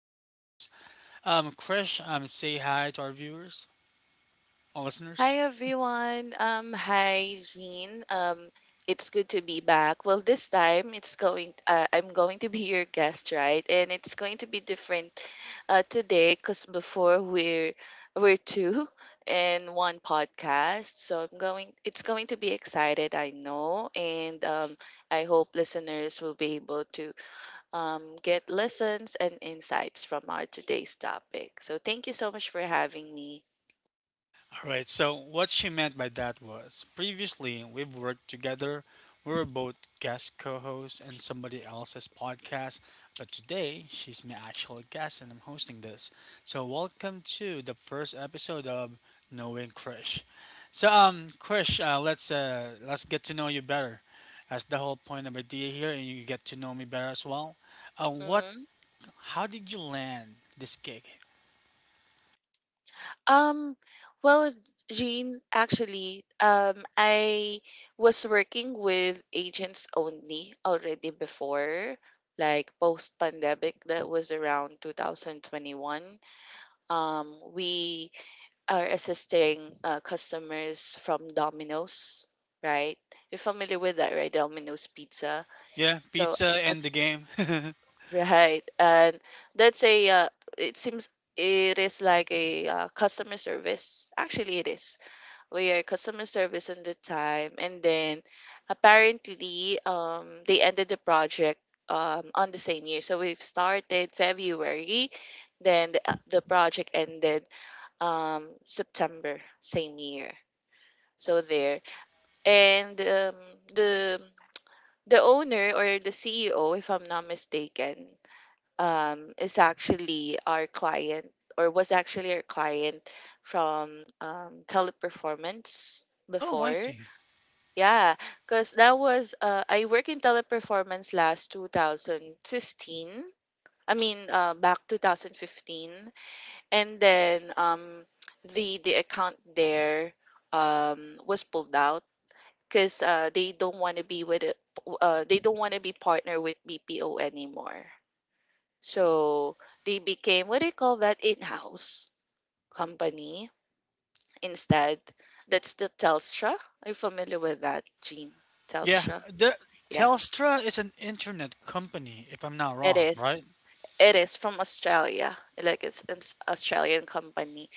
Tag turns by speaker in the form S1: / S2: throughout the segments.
S1: co host. Krish, say hi to our viewers, our listeners.
S2: Hi everyone. Hi Jean. It's good to be back. Well, this time it's going. I'm going to be your guest, right? And it's going to be different today because before we're two and one podcast. So I'm going. It's going to be excited. I know, and I hope listeners will be able to get lessons and insights from our today's topic. So thank you so much for having me.
S1: All right, so what she meant by that was previously we've worked together. We were both guest co hosts in somebody else's podcast, but today she's my actual guest and I'm hosting this. So, welcome to the first episode of Knowing Krish. So, Krish, let's get to know you better. That's the whole point of idea here, and you get to know me better as well. What?
S2: Mm-hmm.
S1: How did you land this gig?
S2: Um, well, Jean, actually, I was working with agents only already before, like post pandemic. That was around 2021. We are assisting customers from Domino's, right? You're familiar with that, right? Domino's Pizza.
S1: Yeah,
S2: So,
S1: pizza and the
S2: as
S1: game.
S2: right, and that's a it seems it is like a customer service. Actually, it is we are customer service in the time, and then apparently they ended the project on the same year. So we've started February, then the project ended September same year. So there, and the the owner or the CEO, if I'm not mistaken, is actually our client, or was actually our client, from Teleperformance
S1: Oh, I
S2: before.
S1: see.
S2: Yeah, because that was I work in Teleperformance last 2015. I mean, back 2015. And then the account there was pulled out because they don't want to be with it- they don't want to be partner with BPO anymore. So they became, what do you call that, in-house company instead. That's the Telstra. Are you familiar with that, Gene?
S1: Yeah,
S2: Telstra.
S1: the
S2: Yeah.
S1: Telstra is an internet company, if I'm not
S2: It
S1: wrong, right?
S2: is. It is from Australia, like Australian company.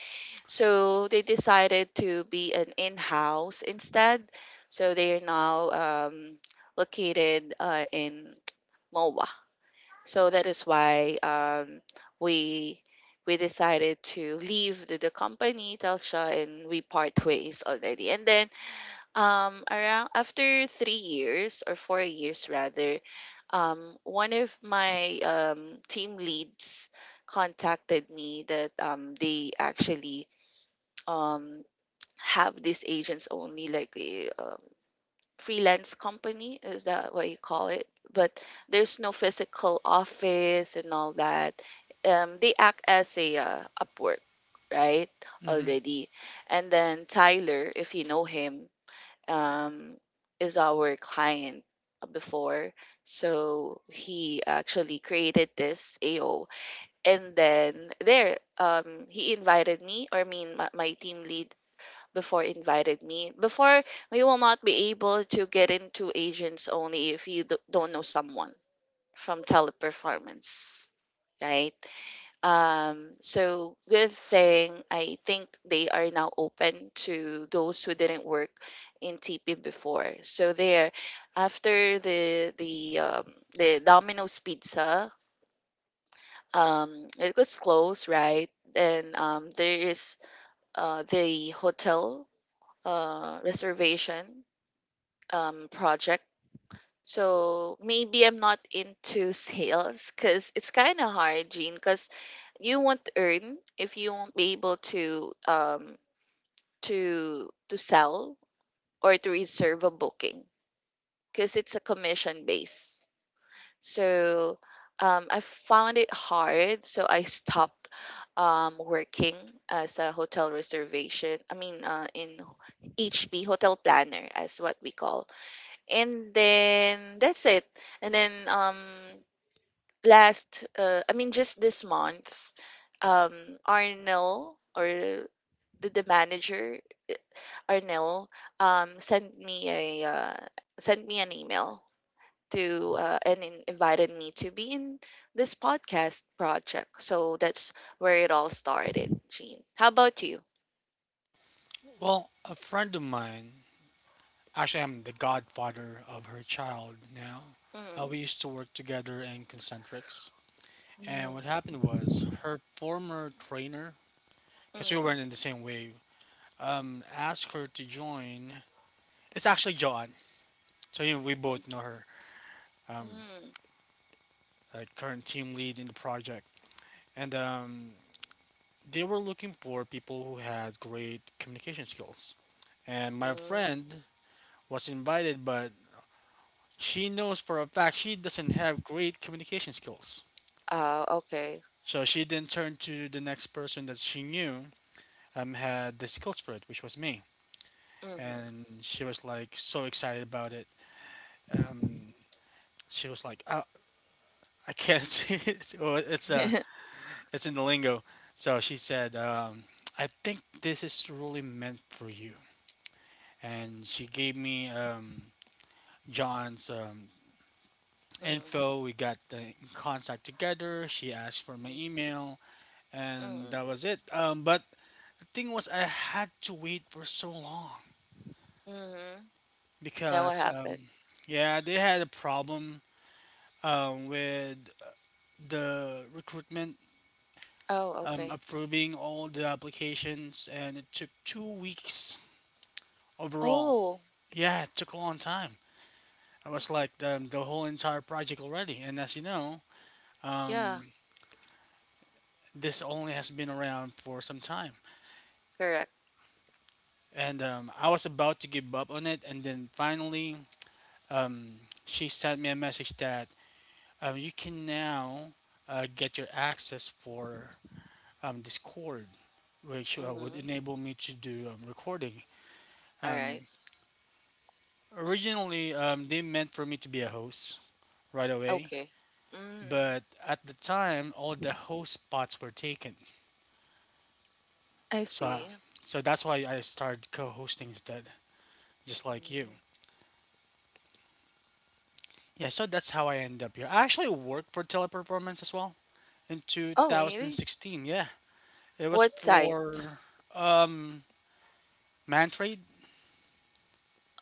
S2: So they decided to be an in-house instead. So they are now located in Moa. So that is why we we decided to leave the company Telstra, and we part ways already. And then around after 3 years, or 4 years rather, one of my team leads contacted me that they actually um, have this agents only, like a freelance company. Is that what you call it? But there's no physical office and all that. They act as a Upwork, right?
S1: hmm
S2: Already. And then Tyler, if you know him, um, is our client before. So he actually created this AO. And then there, he invited me, or I mean, my team lead before invited me. Before, we will not be able to get into agents only if you don't know someone from Teleperformance, right? So good thing, I think they are now open to those who didn't work in TP before. So there, after the Domino's Pizza, it was closed, right? And there is the hotel reservation project. So maybe I'm not into sales because it's kind of hard, Gene, because you won't earn if you won't be able to sell or to reserve a booking, because it's a commission base. So I found it hard, so I stopped working as a hotel reservation. I mean, in HP Hotel Planner, as what we call. And then that's it. And then last I mean, just this month, Arnel, or the manager Arnel, sent me a sent me an email to invited me to be in this podcast project. So that's where it all started, Jean. How about you?
S1: Well, a friend of mine, actually, I'm the godfather of her child now.
S2: Mm,
S1: We used to work together in Concentrics, and
S2: mm,
S1: what happened was her former trainer, because we
S2: mm,
S1: weren't in the same wave, asked her to join. It's actually Joanne, so you we
S2: mm,
S1: both know her, um,
S2: mm,
S1: like current team lead in the project, and they were looking for people who had great communication skills. And my
S2: mm.
S1: friend was invited, but she knows for a fact she doesn't have great communication skills.
S2: Oh, okay.
S1: So she then turned to the next person that she knew had the skills for it, which was me.
S2: Mm-hmm.
S1: And she was like so excited about it. Um, she was like, oh, I can't see it. It's in the lingo. So she said, I think this is really meant for you. And she gave me John's
S2: mm,
S1: info. We got the in contact together. She asked for my
S2: mm,
S1: email, and
S2: mm,
S1: that was it. But the thing was, I had to wait for so long
S2: mm. Now what
S1: because,
S2: happened?
S1: yeah, they had a problem with the recruitment
S2: Oh, okay.
S1: approving all the applications, and it took 2 weeks overall.
S2: Oh,
S1: Yeah, it took a long time. I was like the whole entire project already, and as you know,
S2: yeah,
S1: um, this only has been around for some time.
S2: correct.
S1: And I was about to give up on it, and then finally, um, she sent me a message that you can now get your access for Discord, which would
S2: Mm-hmm.
S1: enable me to do recording.
S2: All
S1: Um,
S2: right.
S1: originally, they meant for me to be a host right away,
S2: Okay. Mm,
S1: but at the time, all the host spots were taken.
S2: I
S1: So,
S2: see.
S1: so that's why I started co-hosting instead, just like you.
S2: Mm.
S1: Yeah, so that's how I ended up here. I actually worked for Teleperformance as well in
S2: Oh, really?
S1: 2016. Yeah, it was
S2: What site?
S1: for um, Mantrade.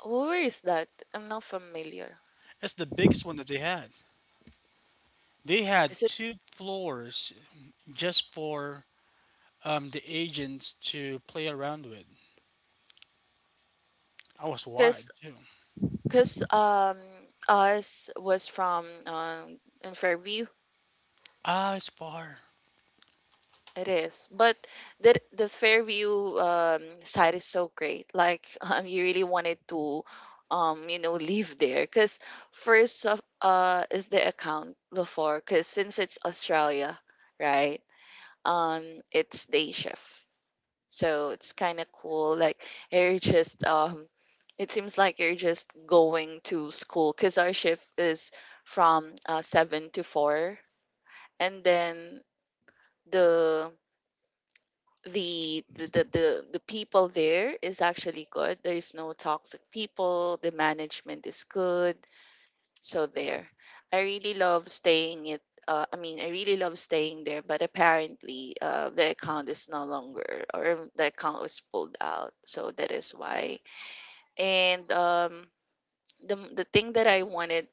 S2: Where is that? I'm not familiar.
S1: It's the biggest one that they had. They had
S2: Is it
S1: two floors just for the agents to play around with. I was wide
S2: because
S1: too.
S2: because us was from in Fairview.
S1: Ah, it's far.
S2: It is, but the Fairview side is so great. Like you really wanted to, you know, live there because first of is the account before, because since it's Australia, right? Um, it's day shift, so it's kind of cool. Like you're just it seems like you're just going to school because our shift is from seven to four. And then the the people there is actually good. There is no toxic people. The management is good. So there, I really love staying it. I mean, I really love staying there, but apparently, the account is no longer, or the account was pulled out. So that is why. And the thing that I wanted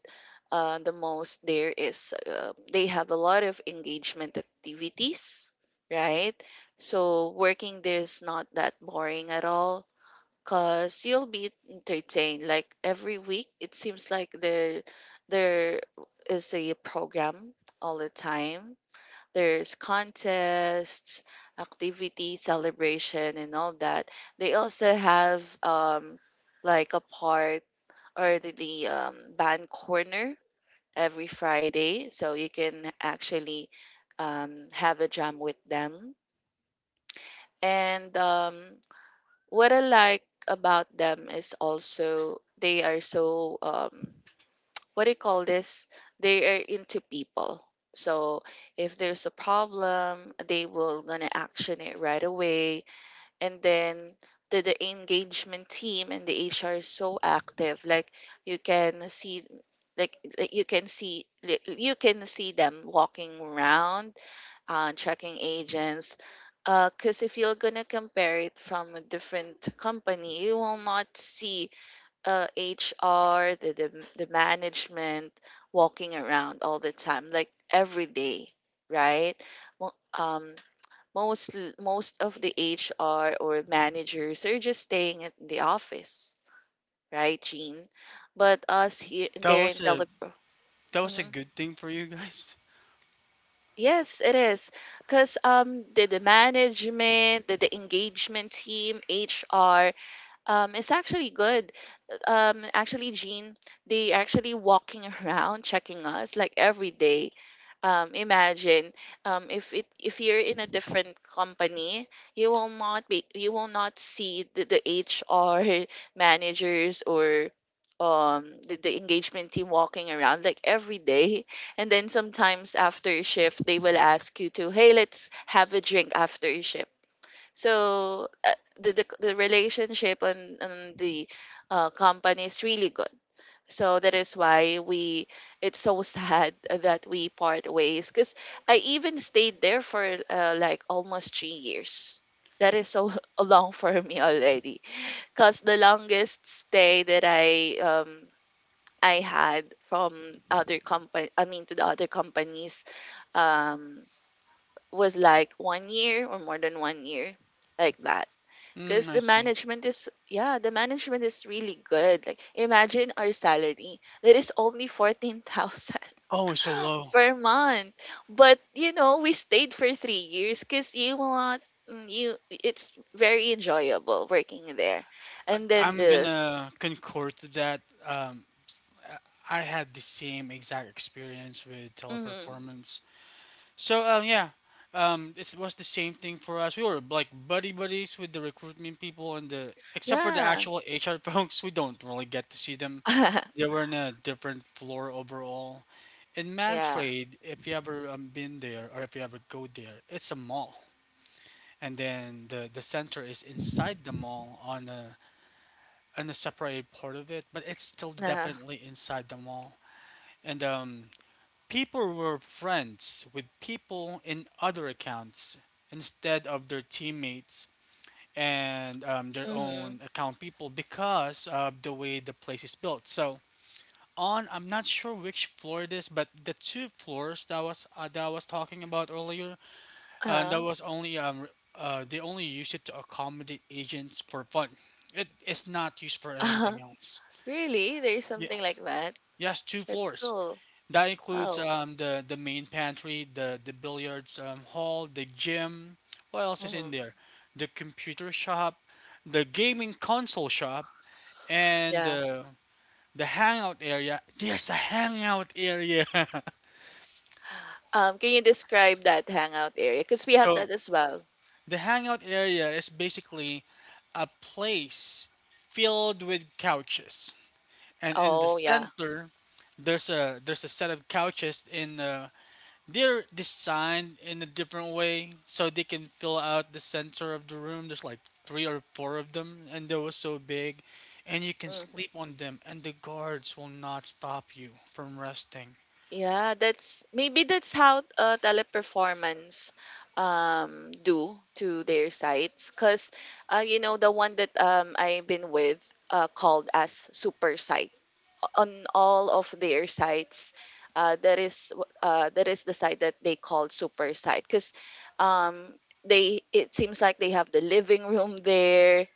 S2: the most there is they have a lot of engagement activities, right? So working there is not that boring at all because you'll be entertained. Like every week, it seems like there is a program all the time. There's contests, activity, celebration, and all that. They also have um, like a part, or the band corner every Friday. So you can actually have a jam with them. And what I like about them is also they are so, what do you call this, they are into people. So if there's a problem, they will gonna action it right away. And then the engagement team and the HR is so active. Like you can see you can see you can see them walking around checking agents. Because if you're gonna compare it from a different company, you will not see HR, the management walking around all the time, like every day, right? Well, most of the HR or managers are just staying at the office, right, Jean? But us here
S1: That
S2: there in
S1: was a
S2: telepro.
S1: that was a
S2: Hmm.
S1: good thing for you guys.
S2: Yes, it is. Because the management, the engagement team, HR is actually good. Actually Jean, they actually walking around checking us like every day. Imagine if you're in a different company, you will not be, you will not see the HR managers or the engagement team walking around like every day. And then sometimes after shift they will ask you to, hey, let's have a drink after shift. So the relationship on the company is really good. So that is why we, it's so sad that we part ways because I even stayed there for like almost 3 years. That is so long for me already, because the longest stay that I had from other company, I mean, to the other companies um was like 1 year or more than 1 year, like that.
S1: Mm,
S2: Because the
S1: I see.
S2: management is, yeah, the management is really good. Like imagine our salary that is only 14,000
S1: Oh, it's so low.
S2: per month. But you know, we stayed for 3 years because you will not, mm, you, it's very enjoyable working there.
S1: I,
S2: And then
S1: I'm
S2: the
S1: gonna concur to that. Um, uh, I had the same exact experience with
S2: mm,
S1: teleperformance. So yeah, it was the same thing for us. We were like buddy buddies with the recruitment people and the except for the
S2: yeah
S1: actual HR folks, we don't really get to see them. They were in a different floor overall. In
S2: yeah
S1: Mantrade, if you ever been there or if you ever go there, it's a mall, and then the center is inside the mall on a separated part of it, but it's still
S2: uh,
S1: definitely inside the mall. And people were friends with people in other accounts instead of their teammates and their
S2: mm-hmm,
S1: own account people because of the way the place is built. So on, I'm not sure which floor it is, but the two floors that I was talking about earlier, and that
S2: uh,
S1: was only they only use it to accommodate agents for fun. It is not used for
S2: uh,
S1: anything else.
S2: really there's
S1: Yeah.
S2: something like that.
S1: Yes, two
S2: That's
S1: floors.
S2: cool.
S1: That includes
S2: Wow.
S1: the main pantry, the billiards hall, the gym. What else is
S2: Hmm.
S1: in there? The computer shop, the gaming console shop, and
S2: Yeah.
S1: the hangout area. There's a hangout area.
S2: Can you describe that hangout area? Because we have
S1: So
S2: that as well.
S1: the hangout area is basically a place filled with couches, and in the
S2: Oh, yeah.
S1: center, there's a set of couches in they're designed in a different way so they can fill out the center of the room. There's like three or four of them, and they were so big, and you can
S2: Hmm.
S1: sleep on them, and the guards will not stop you from resting.
S2: Yeah, that's maybe that's how Teleperformance do to their sites. Because you know the one that I've been with called as super site on all of their sites. That is the site that they called super site. Because um they, it seems like they have the living room there.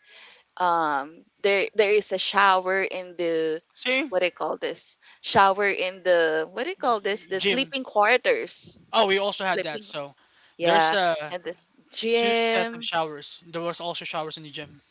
S2: There is a shower in the,
S1: See,
S2: what do you call this, shower in the, what do you call this, the
S1: gym.
S2: sleeping quarters,
S1: Oh, we also had that.
S2: sleeping,
S1: So there's
S2: yeah, and the
S1: two sets of
S2: gym.
S1: showers. There was also showers in the gym.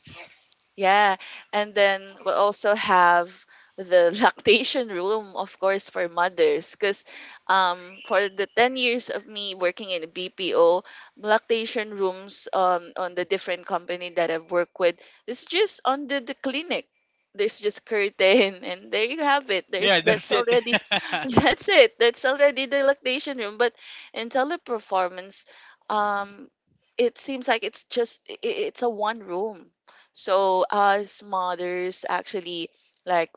S2: Yeah, and then we'll also have the lactation room, of course, for mothers. Because um, for the 10 years of me working in the BPO, lactation rooms on the different company that I've worked with, it's just under the clinic. There's just curtain, and there you have it. There's,
S1: Yeah,
S2: that's
S1: that's it.
S2: already, that's it. That's already the lactation room. But in Teleperformance, um, it seems like it's just I- it's a one room, so us mothers actually, like,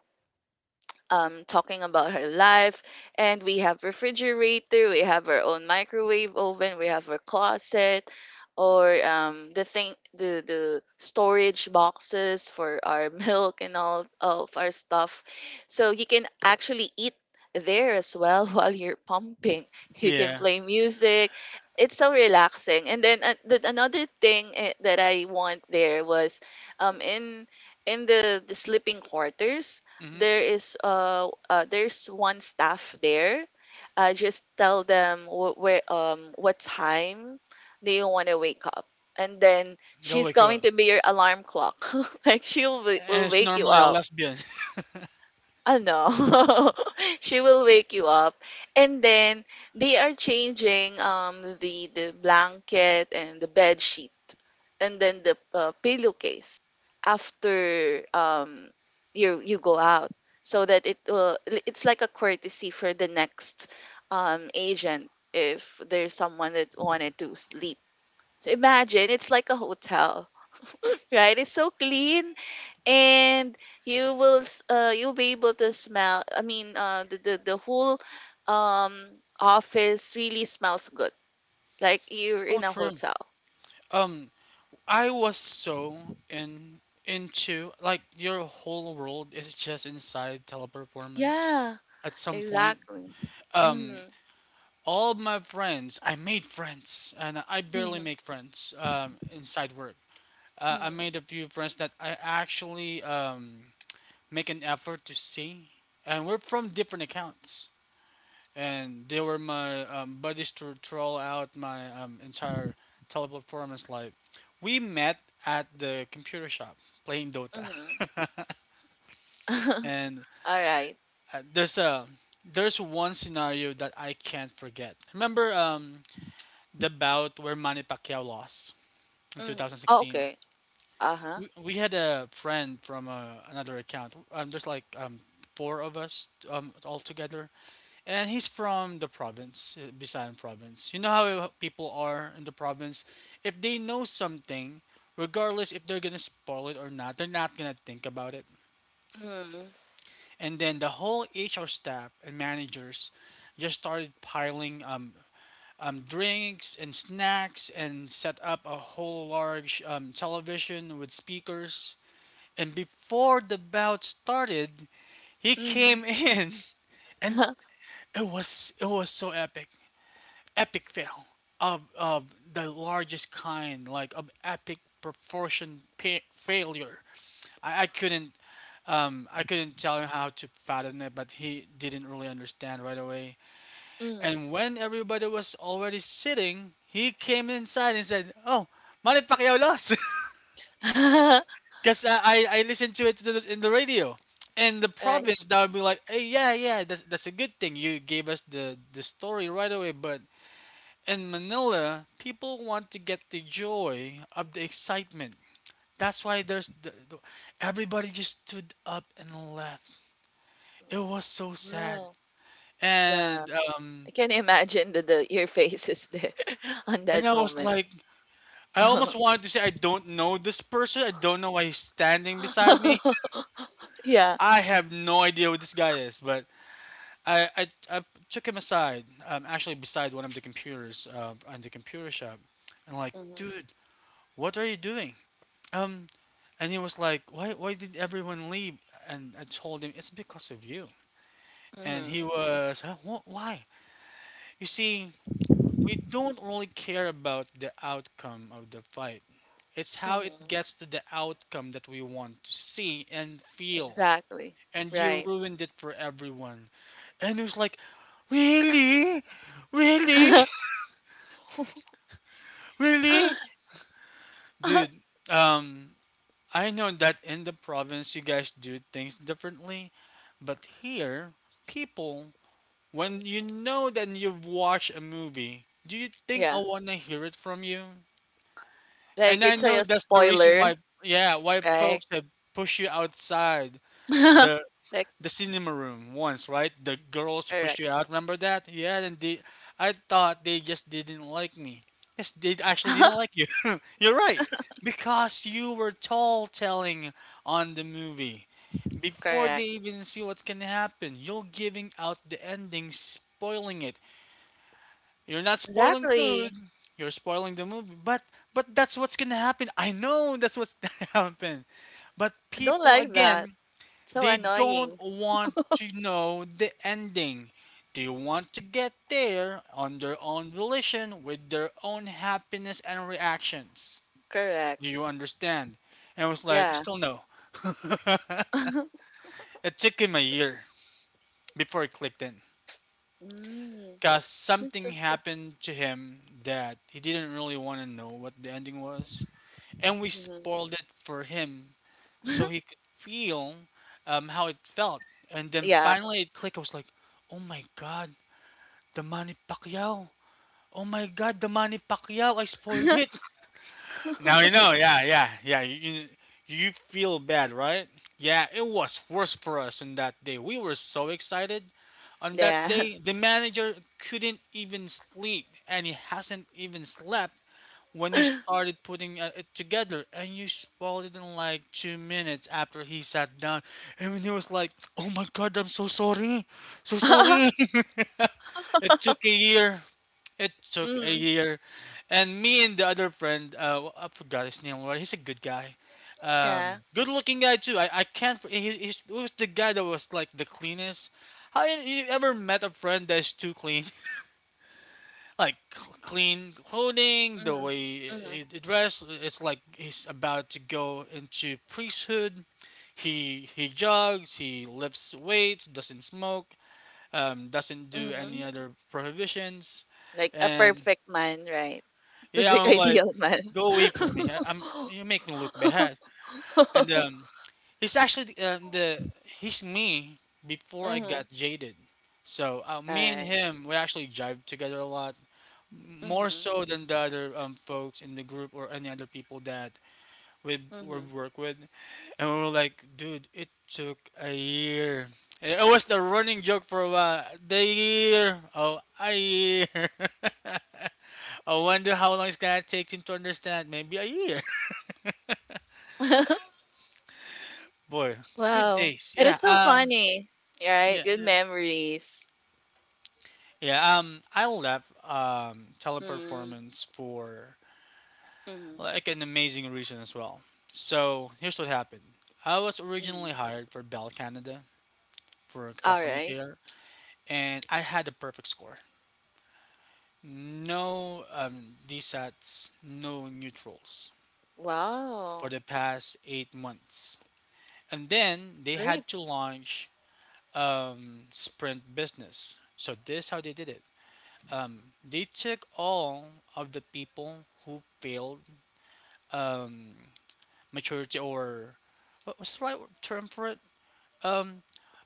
S2: talking about her life. And we have refrigerator, we have our own microwave oven, we have our closet, or the storage boxes for our milk and all of our stuff. So you can actually eat there as well while you're pumping. You can
S1: yeah,
S2: play music. It's so relaxing. And then another thing that I want there was um, in in the sleeping quarters,
S1: hmm
S2: there is there's one staff there. Just tell them wh- where what time do you want to wake up, and then
S1: they'll
S2: she's
S1: wake you
S2: going
S1: up,
S2: to be your alarm clock. Like she
S1: and
S2: will
S1: it's
S2: wake you
S1: normally a
S2: up.
S1: lesbian.
S2: Ano, she will wake you up. And then they are changing the blanket and the bed sheet, and then the pillowcase after you go out so that it will It's like a courtesy for the next agent if there's someone that wanted to sleep. So imagine it's like a hotel, right? It's so clean, and you will you'll be able to smell, the whole um office really smells good, like you're
S1: Oh,
S2: in a
S1: true.
S2: hotel.
S1: Um, I was so in into like your whole world is just inside teleperformance.
S2: Yeah,
S1: At some point,
S2: exactly.
S1: um,
S2: Mm-hmm,
S1: all my friends, I made friends, and I barely
S2: mm-hmm,
S1: make friends inside work. I
S2: mm-hmm,
S1: made a few friends that I actually make an effort to see, and we're from different accounts and they were my buddies to throw out my entire teleperformance life. We met at the computer shop playing Dota,
S2: mm-hmm.
S1: and
S2: All right.
S1: uh, there's a there's one scenario that I can't forget. Remember the bout where Manny Pacquiao lost in
S2: Mm.
S1: 2016?
S2: Okay, uh-huh.
S1: We had a friend from another account. There's like four of us all together and he's from the province, Bisayan province. You know how people are in the province. If they know something, regardless if they're gonna spoil it or not, they're not gonna think about it.
S2: Mm-hmm,
S1: And then the whole HR staff and managers just started piling drinks and snacks and set up a whole large television with speakers. And before the bout started, he
S2: mm-hmm.
S1: came in and it was so epic. Epic fail of the largest kind, like of epic failure. I couldn't I couldn't tell him how to fathom it, but he didn't really understand right away.
S2: Mm.
S1: And when everybody was already sitting, he came inside and said, "Oh, Manit Pacquiao lost," because I listened to it to in the radio. In the
S2: Right.
S1: province, that would be like, "Hey, yeah, yeah, that's a good thing. You gave us the story right away, but in Manila, people want to get the joy of the excitement. That's why everybody just stood up and left. It was so sad,
S2: Wow, yeah.
S1: and
S2: I
S1: um,
S2: can imagine that the your face is there, on
S1: and
S2: that
S1: I was
S2: moment.
S1: like, I almost wanted to say I don't know this person. I don't know why he's standing beside me.
S2: Yeah.
S1: I have no idea what this guy is, but I took him aside, actually beside one of the computers on the computer shop, and like,
S2: Mhm.
S1: dude, what are you doing? Um, And he was like, "Why? Why did everyone leave?" And I told him, "It's because of you." And he
S2: Mhm.
S1: was, "Why? You see, we don't really care about the outcome of the fight. It's how it
S2: Mhm.
S1: gets to the outcome that we want to see and feel.
S2: Exactly.
S1: And you
S2: Right.
S1: ruined it for everyone." And it was like, "Really? Really? Really, dude?" Um, I know that in the province you guys do things differently, but here, people, when you know that you've watched a movie, do you think I
S2: Yeah.
S1: want to hear it from you? And
S2: Like
S1: I
S2: it's like
S1: know
S2: a
S1: that's the reason
S2: spoiler,
S1: why, yeah, why
S2: right?
S1: folks have pushed you outside the
S2: Like
S1: the cinema room once, right? The girls
S2: correct.
S1: pushed you out. Remember that? Yeah, and they, I thought they just didn't like me. Yes, they actually didn't like you. You're right, because you were tall telling on the movie before they
S2: Correct.
S1: even see what's gonna happen. You're giving out the ending, spoiling it. You're not spoiling food.
S2: Exactly.
S1: You're spoiling the movie, but that's what's gonna happen. I know that's what's gonna happen. But
S2: I don't
S1: people
S2: like that.
S1: again
S2: So
S1: they don't
S2: annoying.
S1: want to know the ending. They want to get there on their own volition with their own happiness and reactions.
S2: Correct.
S1: Do you understand? And I was like,
S2: Yeah.
S1: still no. It took him a year before it clicked in.
S2: Mm.
S1: Because
S2: It's
S1: something
S2: so, so.
S1: happened to him that he didn't really want to know what the ending was. And we
S2: Mhm.
S1: spoiled it for him so he could feel how it felt. And then
S2: Yeah.
S1: finally it clicked. I was like, oh my god, the Manny Pacquiao. Oh my god, the Manny Pacquiao. I spoiled it. Now you know. Yeah, yeah, yeah. You feel bad, right? Yeah, it was worse for us on that day. We were so excited. On that
S2: Yeah.
S1: day, the manager couldn't even sleep, and he hasn't even slept when you started putting it together, and you spoiled it in like 2 minutes after he sat down. And he was like, oh my god, I'm so sorry, so sorry. It took a year. It took a
S2: Mm.
S1: year. And me and the other friend, I forgot his name already. He's a good guy,
S2: Yeah.
S1: good looking guy too. I can't. He was the guy that was like the cleanest. How you ever met a friend that's too clean? Like clean clothing, the
S2: Mm.
S1: way
S2: Mm.
S1: he dressed. It's like he's about to go into priesthood. He jogs, he lifts weights, doesn't smoke, doesn't do any
S2: Mm.
S1: other prohibitions.
S2: Like a
S1: And
S2: perfect man, right?
S1: yeah,
S2: Perfect
S1: I'm like,
S2: ideal man.
S1: go away from me. I'm, you make me look bad. And he's actually the, he's me before I
S2: Mhm.
S1: got jaded. So
S2: All
S1: me and
S2: right.
S1: him, we actually jive together a lot. More
S2: Mhm.
S1: so than the other folks in the group or any other people that we
S2: Mhm.
S1: work with. And we were like, dude, it took a year. And it was the running joke for a while. The year, oh, a year. I wonder how long it's gonna take him to understand. Maybe a year. Boy, good
S2: Wow.
S1: days.
S2: That
S1: Yeah.
S2: is so funny. Right?
S1: Yeah.
S2: Good
S1: Yeah.
S2: memories.
S1: Yeah. I left
S2: Mm,
S1: teleperformance for
S2: mm,
S1: like an amazing reason as well. So here's what happened. I was originally
S2: mm.
S1: hired for Bell Canada for
S2: All
S1: customer
S2: right.
S1: care, and I had a perfect score. No DSATs, no neutrals for
S2: Wow.
S1: the past 8 months. And then they
S2: Great.
S1: had to launch Sprint Business. So this is how they did it. Um, they took all of the people who failed um, maturity, or what was the right term for it? Um,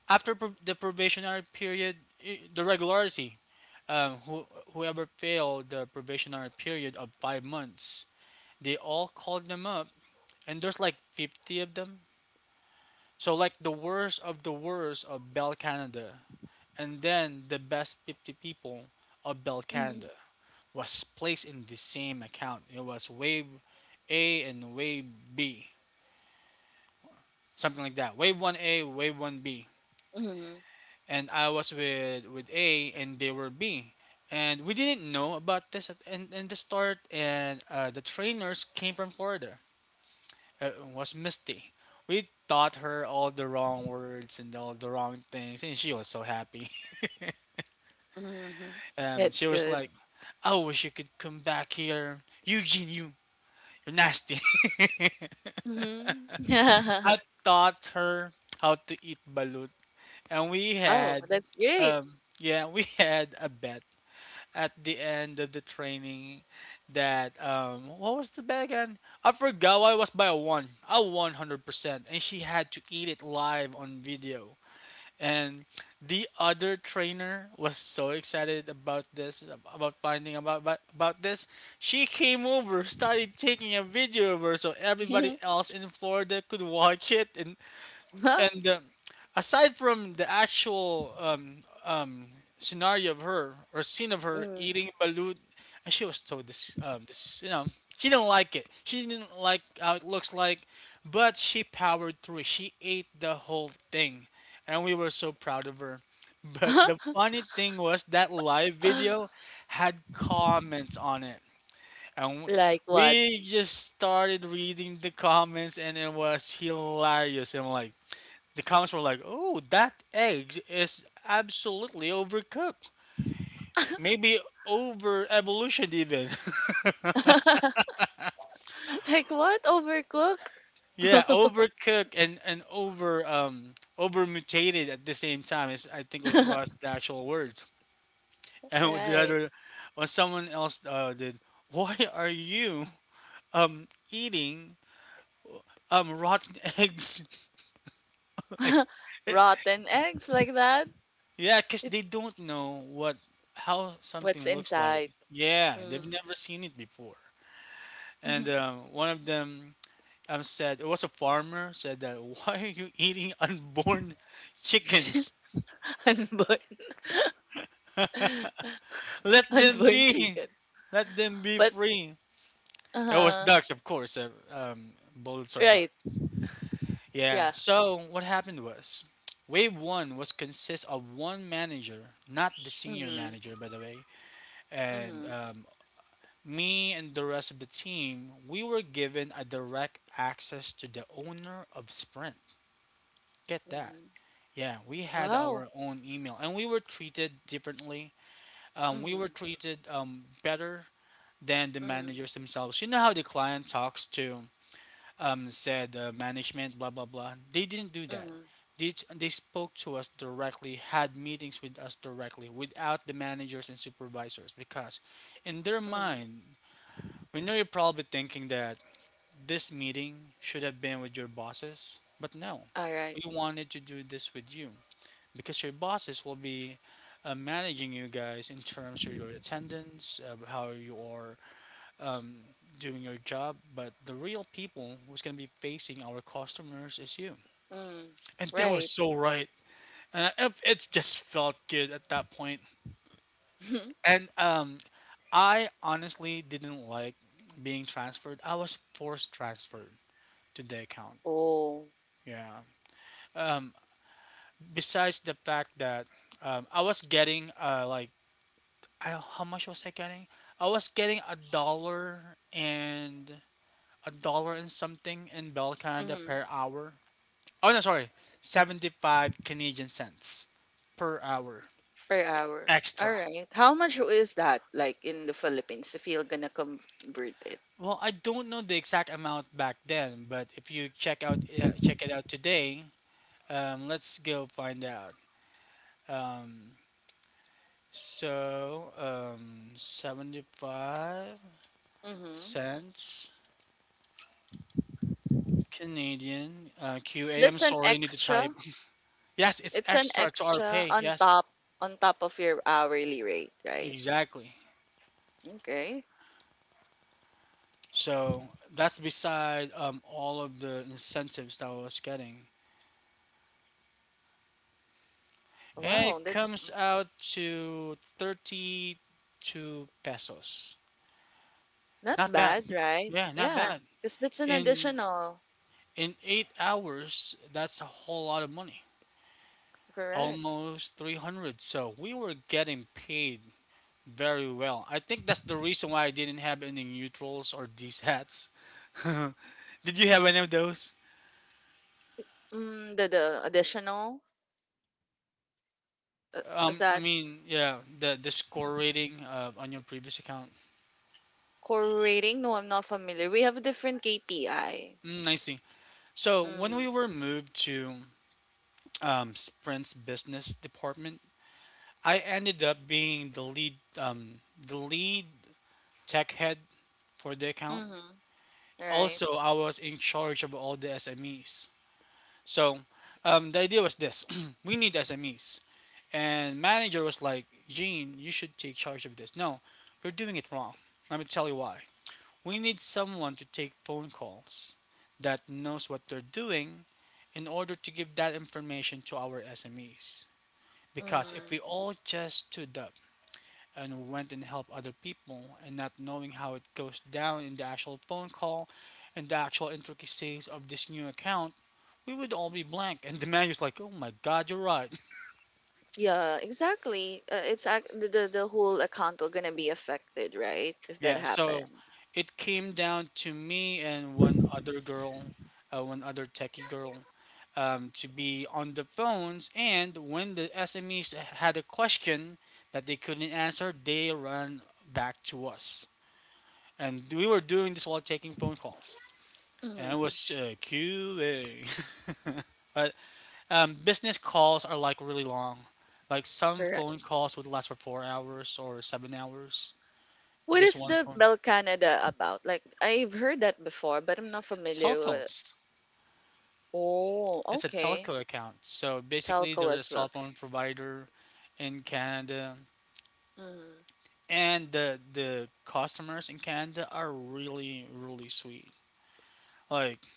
S1: after the probationary period, the regularity. Um, who, whoever failed the probationary period of 5 months, they all called them up, and there's like 50 of them. So, like the worst of Bell Canada, and then the best 50 people of Bell
S2: Mm,
S1: Canada was placed in the same account. It was wave A and wave B, something like that. Wave 1A, wave 1B,
S2: mm,
S1: and I was with A and they were B. And we didn't know about this in the start. And the trainers came from Florida. It was Misty. We taught her all the wrong words and all the wrong things, and she was so happy.
S2: mm. That's
S1: She was
S2: good.
S1: like, "I wish you could come back here. Eugene, you're nasty."
S2: Mm.
S1: I taught her how to eat balut, and we
S2: Oh,
S1: had
S2: that's great.
S1: yeah, we had a bet at the end of the training that what was the bag again? I forgot. Why was by a one. A 100%. And she had to eat it live on video. And the other trainer was so excited about this, about finding about this. She came over, started taking a video of her so everybody else in Florida could watch it. And and uh, aside from the actual um, scenario of her, or scene of her
S2: Mm.
S1: eating balut, and she was told this, this, you know, she didn't like it. She didn't like how it looks like, but she powered through it. She ate the whole thing, and we were so proud of her. But the funny thing was that live video had comments on it. And
S2: Like what?
S1: we just started reading the comments, and it was hilarious. And I'm like, the comments were like, "Oh, that egg is absolutely overcooked. Maybe over evolution even."
S2: Like what? Overcooked?
S1: Yeah, overcooked and over over mutated at the same time is, I think, was the actual words. And with the
S2: Right.
S1: other, when someone else did, why are you eating rotten eggs? Like,
S2: Rotten eggs like that?
S1: yeah, because
S2: It,
S1: they don't know what, how
S2: what's
S1: something looks like.
S2: inside?
S1: Yeah,
S2: Mm.
S1: they've never seen it before. And one of them, said, it was a farmer said that, why are you eating unborn chickens?
S2: Unborn.
S1: Let them
S2: Unborn
S1: be,
S2: chicken.
S1: let them be
S2: But
S1: free. It was
S2: uh,
S1: ducks, of course. Bullets are
S2: right.
S1: ducks. Yeah.
S2: Yeah.
S1: So what happened was, wave one was consist of one manager, not the senior
S2: Mhm.
S1: manager, by the way, and
S2: Mhm.
S1: me and the rest of the team. We were given a direct access to the owner of Sprint. Get that.
S2: Mhm.
S1: Yeah, we had
S2: Wow.
S1: our own email, and we were treated differently. We were
S2: Mhm.
S1: treated better than the
S2: Mhm.
S1: managers themselves. You know how the client talks to said management, blah blah blah. They didn't do that.
S2: Mhm.
S1: They spoke to us directly, had meetings with us directly, without the managers and supervisors, because in their
S2: Mhm.
S1: mind, we know you're probably thinking that this meeting should have been with your bosses, but no,
S2: All right.
S1: we wanted to do this with you because your bosses will be managing you guys in terms of your attendance, how you are um, doing your job. But the real people who's going to be facing our customers is you.
S2: Mm.
S1: And they were
S2: Right.
S1: so right. It just felt good at that point. And I honestly didn't like being transferred. I was forced transferred to the account.
S2: Oh.
S1: Yeah. Um, besides the fact that I was getting like, I how much was I getting? I was getting a dollar, and a dollar and something in Bell Canada
S2: Mhm.
S1: per hour. Oh no, sorry, 75 Canadian cents per hour
S2: Per hour.
S1: extra.
S2: Alright, how much is that like in the Philippines if you're gonna convert it?
S1: Well, I don't know the exact amount back then, but if you check it out today, let's go find out. Um, seventy-five
S2: Mm-hmm.
S1: cents Canadian QA. I'm
S2: That's an
S1: sorry, I need to type.
S2: extra.
S1: Yes, it's
S2: It's an
S1: extra to our
S2: extra
S1: pay.
S2: on
S1: Yes,
S2: top, on top of your hourly rate, right?
S1: exactly.
S2: Okay.
S1: So that's beside all of the incentives that I was getting. And
S2: Wow,
S1: it
S2: that's
S1: comes out to 32 pesos.
S2: not
S1: Not bad.
S2: bad, right?
S1: Yeah, not
S2: Yeah,
S1: bad.
S2: because that's an
S1: In
S2: additional.
S1: in 8 hours, that's a whole lot of money.
S2: Correct.
S1: Almost 300. So we were getting paid very well. I think that's the reason why I didn't have any neutrals or these hats. Did you have any of those?
S2: Mm, the additional uh, is
S1: I
S2: that
S1: mean, yeah, the score rating on your previous account.
S2: core rating? No, I'm not familiar. We have a different KPI.
S1: Mm, I see. So when
S2: Mm-hmm.
S1: we were moved to Sprint's business department, I ended up being the lead tech head for the account.
S2: Mm-hmm. All right.
S1: Also, I was in charge of all the SMEs. So the idea was this: we need SMEs, and manager was like, "Gene, you should take charge of this." No, you're doing it wrong. Let me tell you why. We need someone to take phone calls that knows what they're doing in order to give that information to our SMEs. Because if
S2: Mm-hmm.
S1: we all just stood up and went and helped other people and not knowing how it goes down in the actual phone call and the actual intricacies of this new account, we would all be blank. And the manager's like, oh my god, you're right.
S2: Yeah, exactly. It's the whole account will gonna be affected, right? If that
S1: Yeah, so
S2: happened.
S1: it came down to me and one other girl, one other techie girl, to be on the phones. And when the SMEs had a question that they couldn't answer, they ran back to us. And we were doing this while taking phone calls. And it
S2: Hmm.
S1: was QA. but business calls are like really long. Like some
S2: Correct.
S1: phone calls would last for 4 hours or 7 hours.
S2: What
S1: Just
S2: is
S1: one
S2: the
S1: phone.
S2: Bell Canada about? Like, I've heard that before, but I'm not
S1: Cell
S2: familiar with.
S1: phones.
S2: Oh,
S1: It's a
S2: okay.
S1: telco account. So basically, they're
S2: Telco
S1: a
S2: as well.
S1: cell phone provider in Canada,
S2: Hmm.
S1: and the customers in Canada are really really sweet. Like,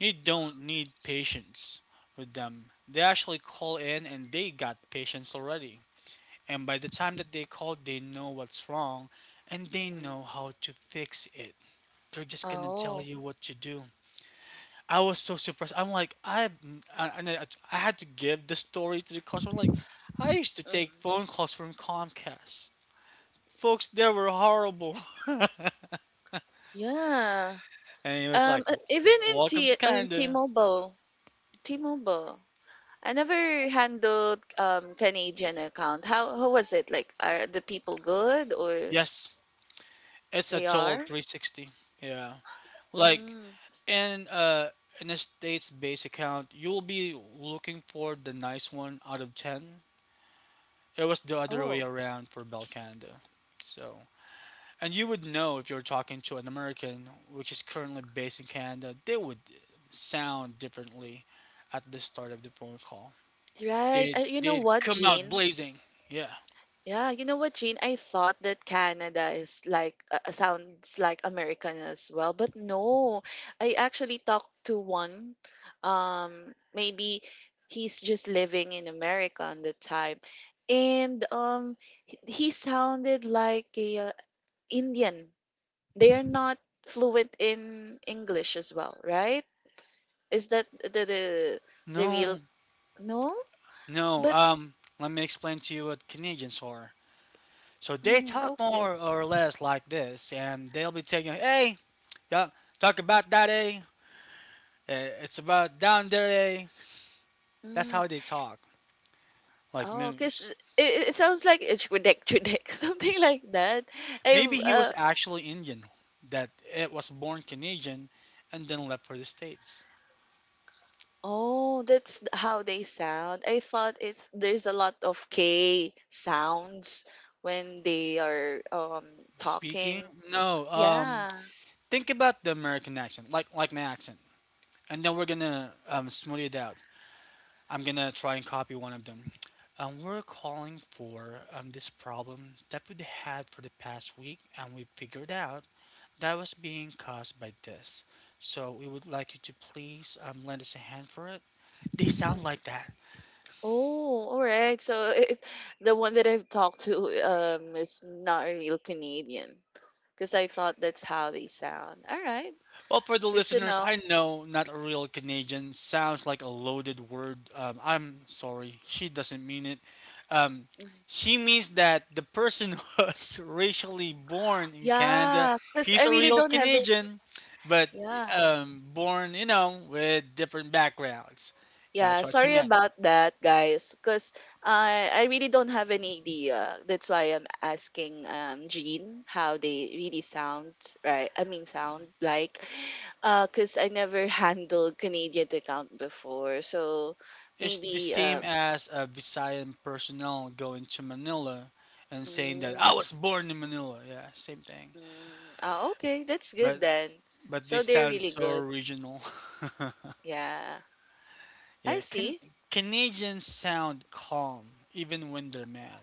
S1: you don't need patience with them. They actually call in and they got patience already. And by the time that they call, they know what's wrong and they
S2: Hmm.
S1: know how to fix it. They're just gonna tell
S2: Oh.
S1: you what to do. I was so surprised. I'm like, and I had to give the story to the customer. Like, I used to take
S2: Hmm.
S1: phone calls from Comcast. Folks, they were horrible.
S2: Yeah.
S1: And he was like,
S2: Even in
S1: "Welcome
S2: T
S1: to
S2: in
S1: Canada."
S2: T-Mobile, T-Mobile, I never handled Canadian account. How was it? Like, are the people good or?
S1: Yes, it's a
S2: They
S1: total
S2: are?
S1: 360. Yeah, like
S2: Mm.
S1: in uh in a state's base account, you'll be looking for the nice one out of 10. It was the other way
S2: Oh,
S1: around for Bell Canada. So, and you would know if you're talking to an American which is currently based in Canada, they would sound differently at the start of the phone call.
S2: right.
S1: They'd
S2: You know
S1: they'd
S2: what,
S1: come out
S2: Jean?
S1: blazing. Yeah.
S2: Yeah, you know what, Jean? I thought that Canada is like sounds like American as well, but no. I actually talked to one. Maybe he's just living in America on the time, and he sounded like a Indian. They are not fluent in English as well, right? Is that the real
S1: No,
S2: no?
S1: No,
S2: But
S1: let me explain to you what Canadians are. So they
S2: mm,
S1: talk
S2: okay.
S1: more or less like this, and they'll be taking, hey, yeah, talk about that, eh? Eh, it's about down there, eh? That's
S2: Mm.
S1: how they talk, like
S2: Oh, 'cause
S1: moose.
S2: it sounds like it's Chudek Chudek, something like that.
S1: Maybe
S2: I've
S1: he was actually Indian, that it was born Canadian, and then left for the States.
S2: oh, that's how they sound. I thought it's there's a lot of K sounds when they are
S1: Speaking,
S2: talking.
S1: no,
S2: Yeah.
S1: think about the American accent, like my accent, and then we're gonna smooth it out. I'm gonna try and copy one of them. We're calling for this problem that we had for the past week, and we figured out that was being caused by this. So we would like you to please lend us a hand for it. They sound
S2: Mm.
S1: like that.
S2: Oh, all right. So if the one that I've talked to is not a real Canadian, because I thought that's how they sound. All right.
S1: Well, for the
S2: Good to
S1: listeners,
S2: know.
S1: I know not a real Canadian sounds like a loaded word. I'm sorry, she doesn't mean it. Um,
S2: Mm-hmm.
S1: she means that the person was racially born in Canada.
S2: Yeah, because I
S1: He's a
S2: really
S1: real
S2: don't have it.
S1: Canadian, but
S2: Yeah.
S1: born, you know, with different backgrounds.
S2: Yeah,
S1: That's what she
S2: sorry
S1: meant.
S2: about that, guys. Because I really don't have any idea. That's why I'm asking Jean how they really sound, right? I mean, sound like, because I never handled Canadian account before. So
S1: It's the
S2: maybe
S1: same as a Visayan personnel going to Manila and saying that
S2: Mm,
S1: I was born in Manila. Yeah, same thing.
S2: mm, ah, okay, that's good
S1: But
S2: then.
S1: But they
S2: So they're
S1: sound
S2: really
S1: so
S2: good.
S1: original.
S2: Yeah, I
S1: Yeah,
S2: see.
S1: Canadians sound calm even when they're mad.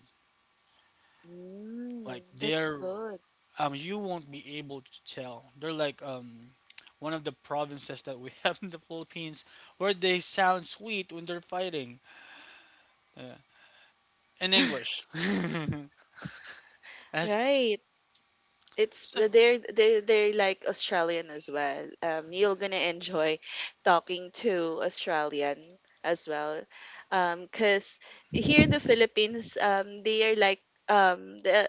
S1: Like
S2: Mm, that's
S1: they're
S2: good.
S1: you won't be able to tell. They're like one of the provinces that we have in the Philippines where they sound sweet when they're fighting uh, in English. as
S2: Right. It's
S1: so
S2: they're like Australian as well. You're gonna enjoy talking to Australian as well, cause here in the Philippines, they are like the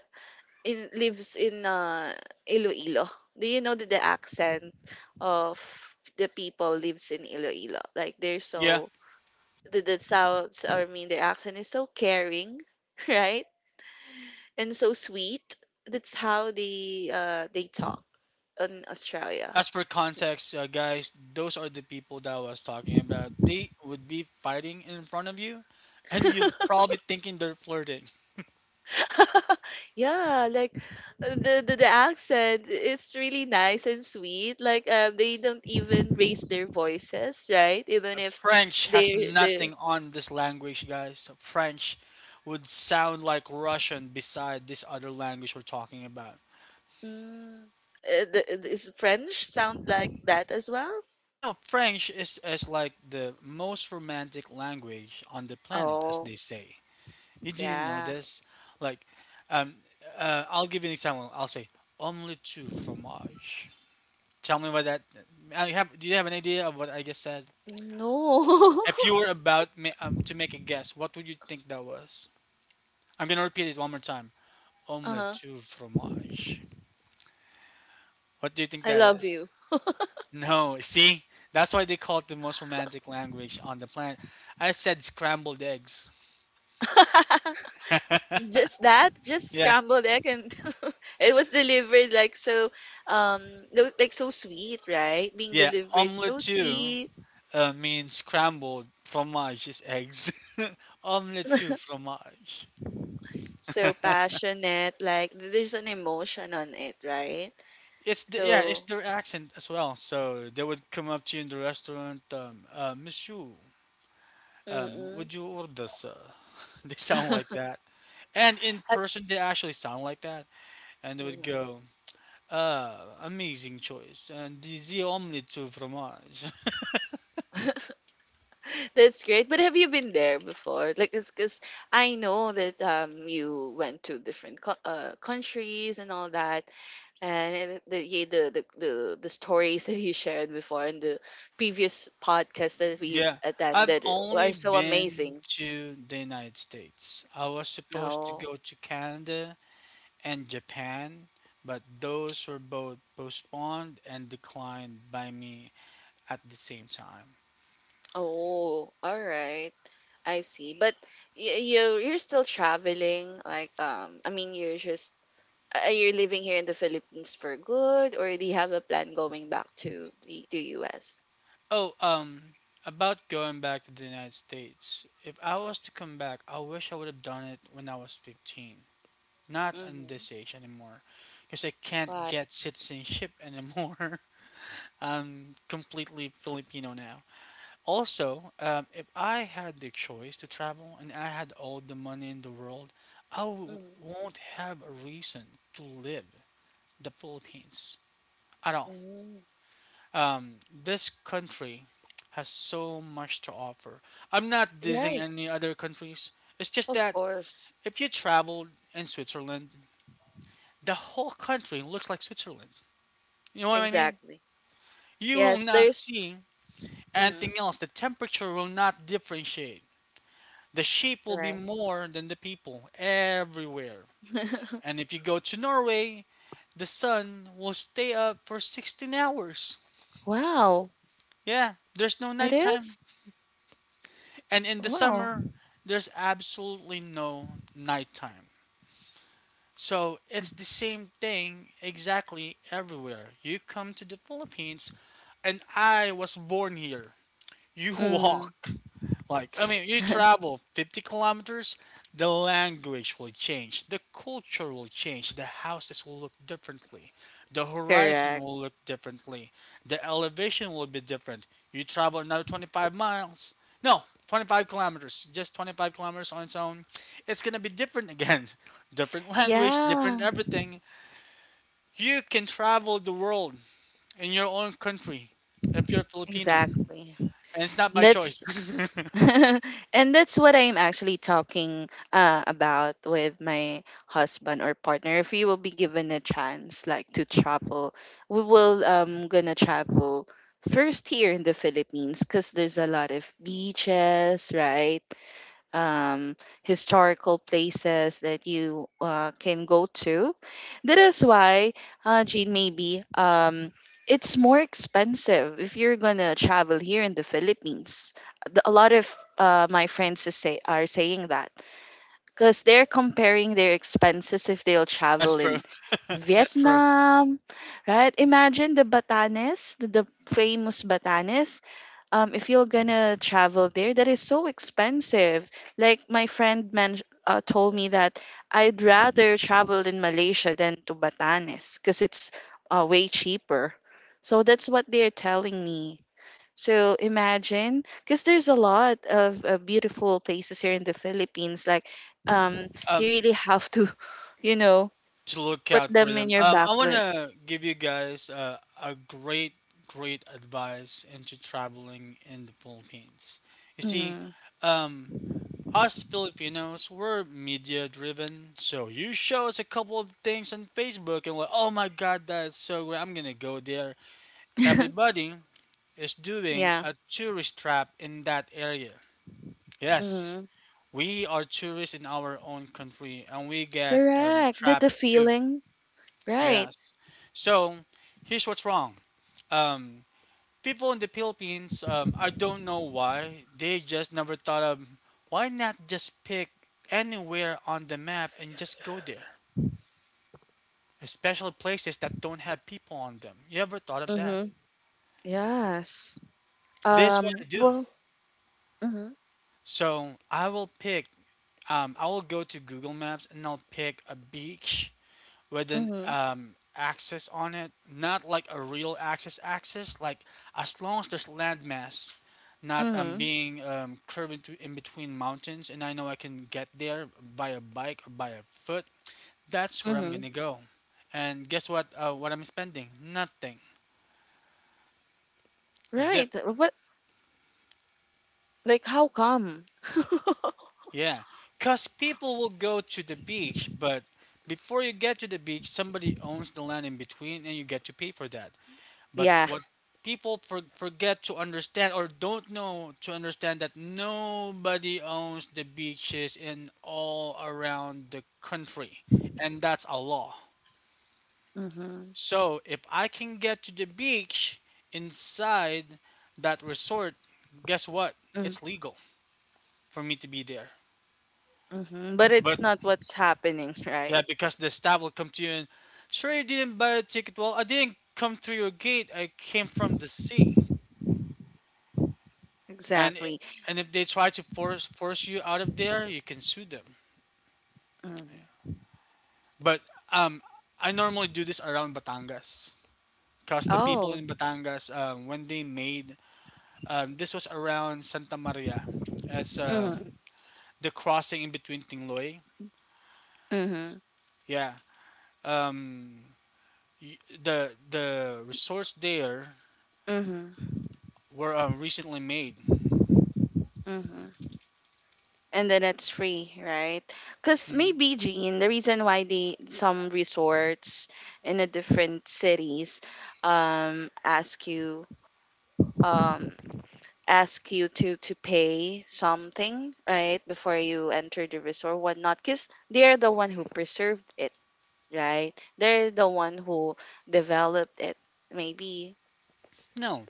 S2: in lives in Iloilo. Do you know that the accent of the people lives in Iloilo? Like they're
S1: Yeah,
S2: so the sounds, or I mean their accent is so caring, right? And so sweet. That's how they talk in Australia.
S1: as for context, guys, those are the people that I was talking about. They would be fighting in front of you and you probably thinking they're flirting.
S2: Yeah, like the accent is really nice and sweet. Like, they don't even raise their voices, right?
S1: Yeah,
S2: Even if
S1: French has
S2: they the
S1: nothing on this language, guys. So French would sound like Russian beside this other language we're talking about.
S2: mm, the is French sound like that as well.
S1: No, French is like the most romantic language on the planet, as
S2: Oh
S1: they say. You didn't know
S2: yeah,
S1: this? Like, um, I'll give you an example. I'll say, omelette tu fromage. Tell me what that. Do you have an idea of what I just said?
S2: no.
S1: If you were about to make a guess, what would you think that was? I'm going to repeat it one more time.
S2: uh
S1: Omelette
S2: huh.
S1: du fromage. What do you think
S2: I
S1: that
S2: love
S1: is?
S2: you.
S1: No, see? That's why they call it the most romantic language on the planet. I said scrambled eggs.
S2: Just that, just
S1: Yeah,
S2: scrambled egg. And it was delivered like so um like so sweet, right? Being
S1: yeah.
S2: delivered
S1: Omelette
S2: so
S1: du
S2: sweet,
S1: means scrambled. Fromage is eggs. Omelette du fromage.
S2: so passionate, like there's an emotion on it, right?
S1: Yeah, it's
S2: So
S1: their accent as well. So they would come up to you in the restaurant, Monsieur,
S2: mm-mm.
S1: would you order, sir? They sound like that. And in person, they actually sound like that. And they would
S2: Mm-hmm.
S1: go, uh, amazing choice. And the omelette too from us?
S2: That's great. But have you been there before? Like, because I know that you went to different countries and all that, and it- the, yeah, the stories that you shared before in the previous podcast that we've
S1: Yeah. I've
S2: attended
S1: only
S2: are so
S1: been
S2: amazing.
S1: to the United States. I was supposed to
S2: No.
S1: go to Canada and Japan, but those were both postponed and declined by me at the same time.
S2: Oh, all right. I see. But you you're still traveling like, I mean you're just, are you living here in the Philippines for good, or do you have a plan going back to the to US?
S1: Oh, about going back to the United States. If I was to come back, I wish I would have done it when I was 15. Not on
S2: Mm-hmm.
S1: this age anymore, because I can't
S2: Right.
S1: get citizenship anymore. I'm completely Filipino now. Also, if I had the choice to travel and I had all the money in the world, I
S2: Mm-hmm.
S1: won't have a reason to live the Philippines at all.
S2: Mm-hmm.
S1: This country has so much to offer. I'm not dissing
S2: Right.
S1: any other countries. It's just
S2: Of
S1: that
S2: course.
S1: if you traveled in Switzerland, the whole country looks like Switzerland. You know what I mean?
S2: Exactly.
S1: You will
S2: Yes,
S1: not
S2: there's
S1: see
S2: mm-hmm.
S1: anything else. The temperature will not differentiate. The sheep will be
S2: Right.
S1: more than the people everywhere. And if you go to Norway, the sun will stay up for 16 hours.
S2: Wow,
S1: Yeah, there's no
S2: it
S1: nighttime.
S2: is?
S1: And in the
S2: Wow.
S1: summer, there's absolutely no nighttime. So it's the same thing exactly everywhere. You come to the Philippines, and I was born here. You
S2: Mm-hmm.
S1: walk like, I mean, you travel 50 kilometers, the language will change, the culture will change, the houses will look differently, the horizon
S2: Correct.
S1: will look differently, the elevation will be different. You travel another 25 miles, no, 25 kilometers, just 25 kilometers on its own, it's gonna be different again. Different language, different
S2: Yeah.
S1: everything. You can travel the world in your own country if you're Filipino,
S2: Exactly.
S1: and it's not by choice.
S2: That's and that's what I'm actually talking about with my husband or partner. If we will be given a chance, like to travel, we will gonna travel first here in the Philippines because there's a lot of beaches, right? Um, historical places that you can go to. That is why, Jean, maybe, it's more expensive if you're gonna travel here in the Philippines. A lot of my friends is say are saying that because they're comparing their expenses if they'll
S1: That's
S2: travel
S1: true.
S2: in
S1: That's true.
S2: Vietnam, right? Imagine the Batanes, the famous Batanes, if you're gonna travel there, that is so expensive. Like my friend man told me that I'd rather travel in Malaysia than to Batanes because it's way cheaper. So that's what they're telling me. So imagine, because there's a lot of beautiful places here in the Philippines. Like, um, you
S1: um
S2: really have to, you know,
S1: to look
S2: put
S1: out for
S2: them in
S1: them.
S2: your
S1: I want
S2: backlit.
S1: to give you guys a great advice into traveling in the Philippines. You see,
S2: Mm.
S1: um, us Filipinos we're media driven, so you show us a couple of things on Facebook and we're oh my god that's so great I'm gonna go there. Everybody is doing
S2: Yeah.
S1: a tourist trap in that area. Yes.
S2: Mm.
S1: We are tourists in our own country and we get
S2: Correct. That
S1: trapped
S2: the
S1: too.
S2: feeling, right?
S1: Yes. So here's what's wrong. Um, people in the Philippines, I don't know why, they just never thought of why not just pick anywhere on the map and just go there, especially places that don't have people on them. You ever thought of that?
S2: Mm-hmm. Yes.
S1: This is what I do.
S2: Well, mm-hmm,
S1: So I will pick. I will go to Google Maps and I'll pick a beach with an
S2: mm-hmm,
S1: axis on it, not like a real axis. Like as long as there's landmass, not
S2: mm-hmm,
S1: being curved in between mountains, and I know I can get there by a bike or by a foot. That's where I'm
S2: mm-hmm.
S1: gonna go. And guess what? What I'm spending? Nothing. Zip.
S2: Right. What, like, how come?
S1: Yeah, cause people will go to the beach, but before you get to the beach, somebody owns the land in between, and you get to pay for that. But
S2: Yeah.
S1: what people forget to understand or don't know to understand that nobody owns the beaches in all around the country, and that's a law.
S2: Mm-hmm.
S1: So if I can get to the beach inside that resort, guess what?
S2: Mm,
S1: It's legal for me to be there.
S2: mm-hmm. But
S1: But
S2: it's not what's happening,
S1: yeah,
S2: right?
S1: because the staff will come to you and sure you didn't buy a ticket. Well, I didn't come through your gate. I came from the sea. and
S2: Exactly.
S1: and if they try to force you out of there, you can sue them.
S2: Mm.
S1: But um, I normally do this around Batangas, cause the people
S2: Oh.
S1: in Batangas when they made this was around Santa Maria, as
S2: Mm-hmm.
S1: the crossing in between Tingloy.
S2: Mm-hmm.
S1: Yeah, um, the resorts there
S2: Mm-hmm.
S1: were recently made.
S2: Mm-hmm. And then it's free, right? Because
S1: Mm.
S2: maybe, Jean, the reason why they some resorts in the different cities ask you um to pay something right before you enter the resort whatnot, because they're the one who preserved it, right, they're the one who developed it maybe.
S1: No,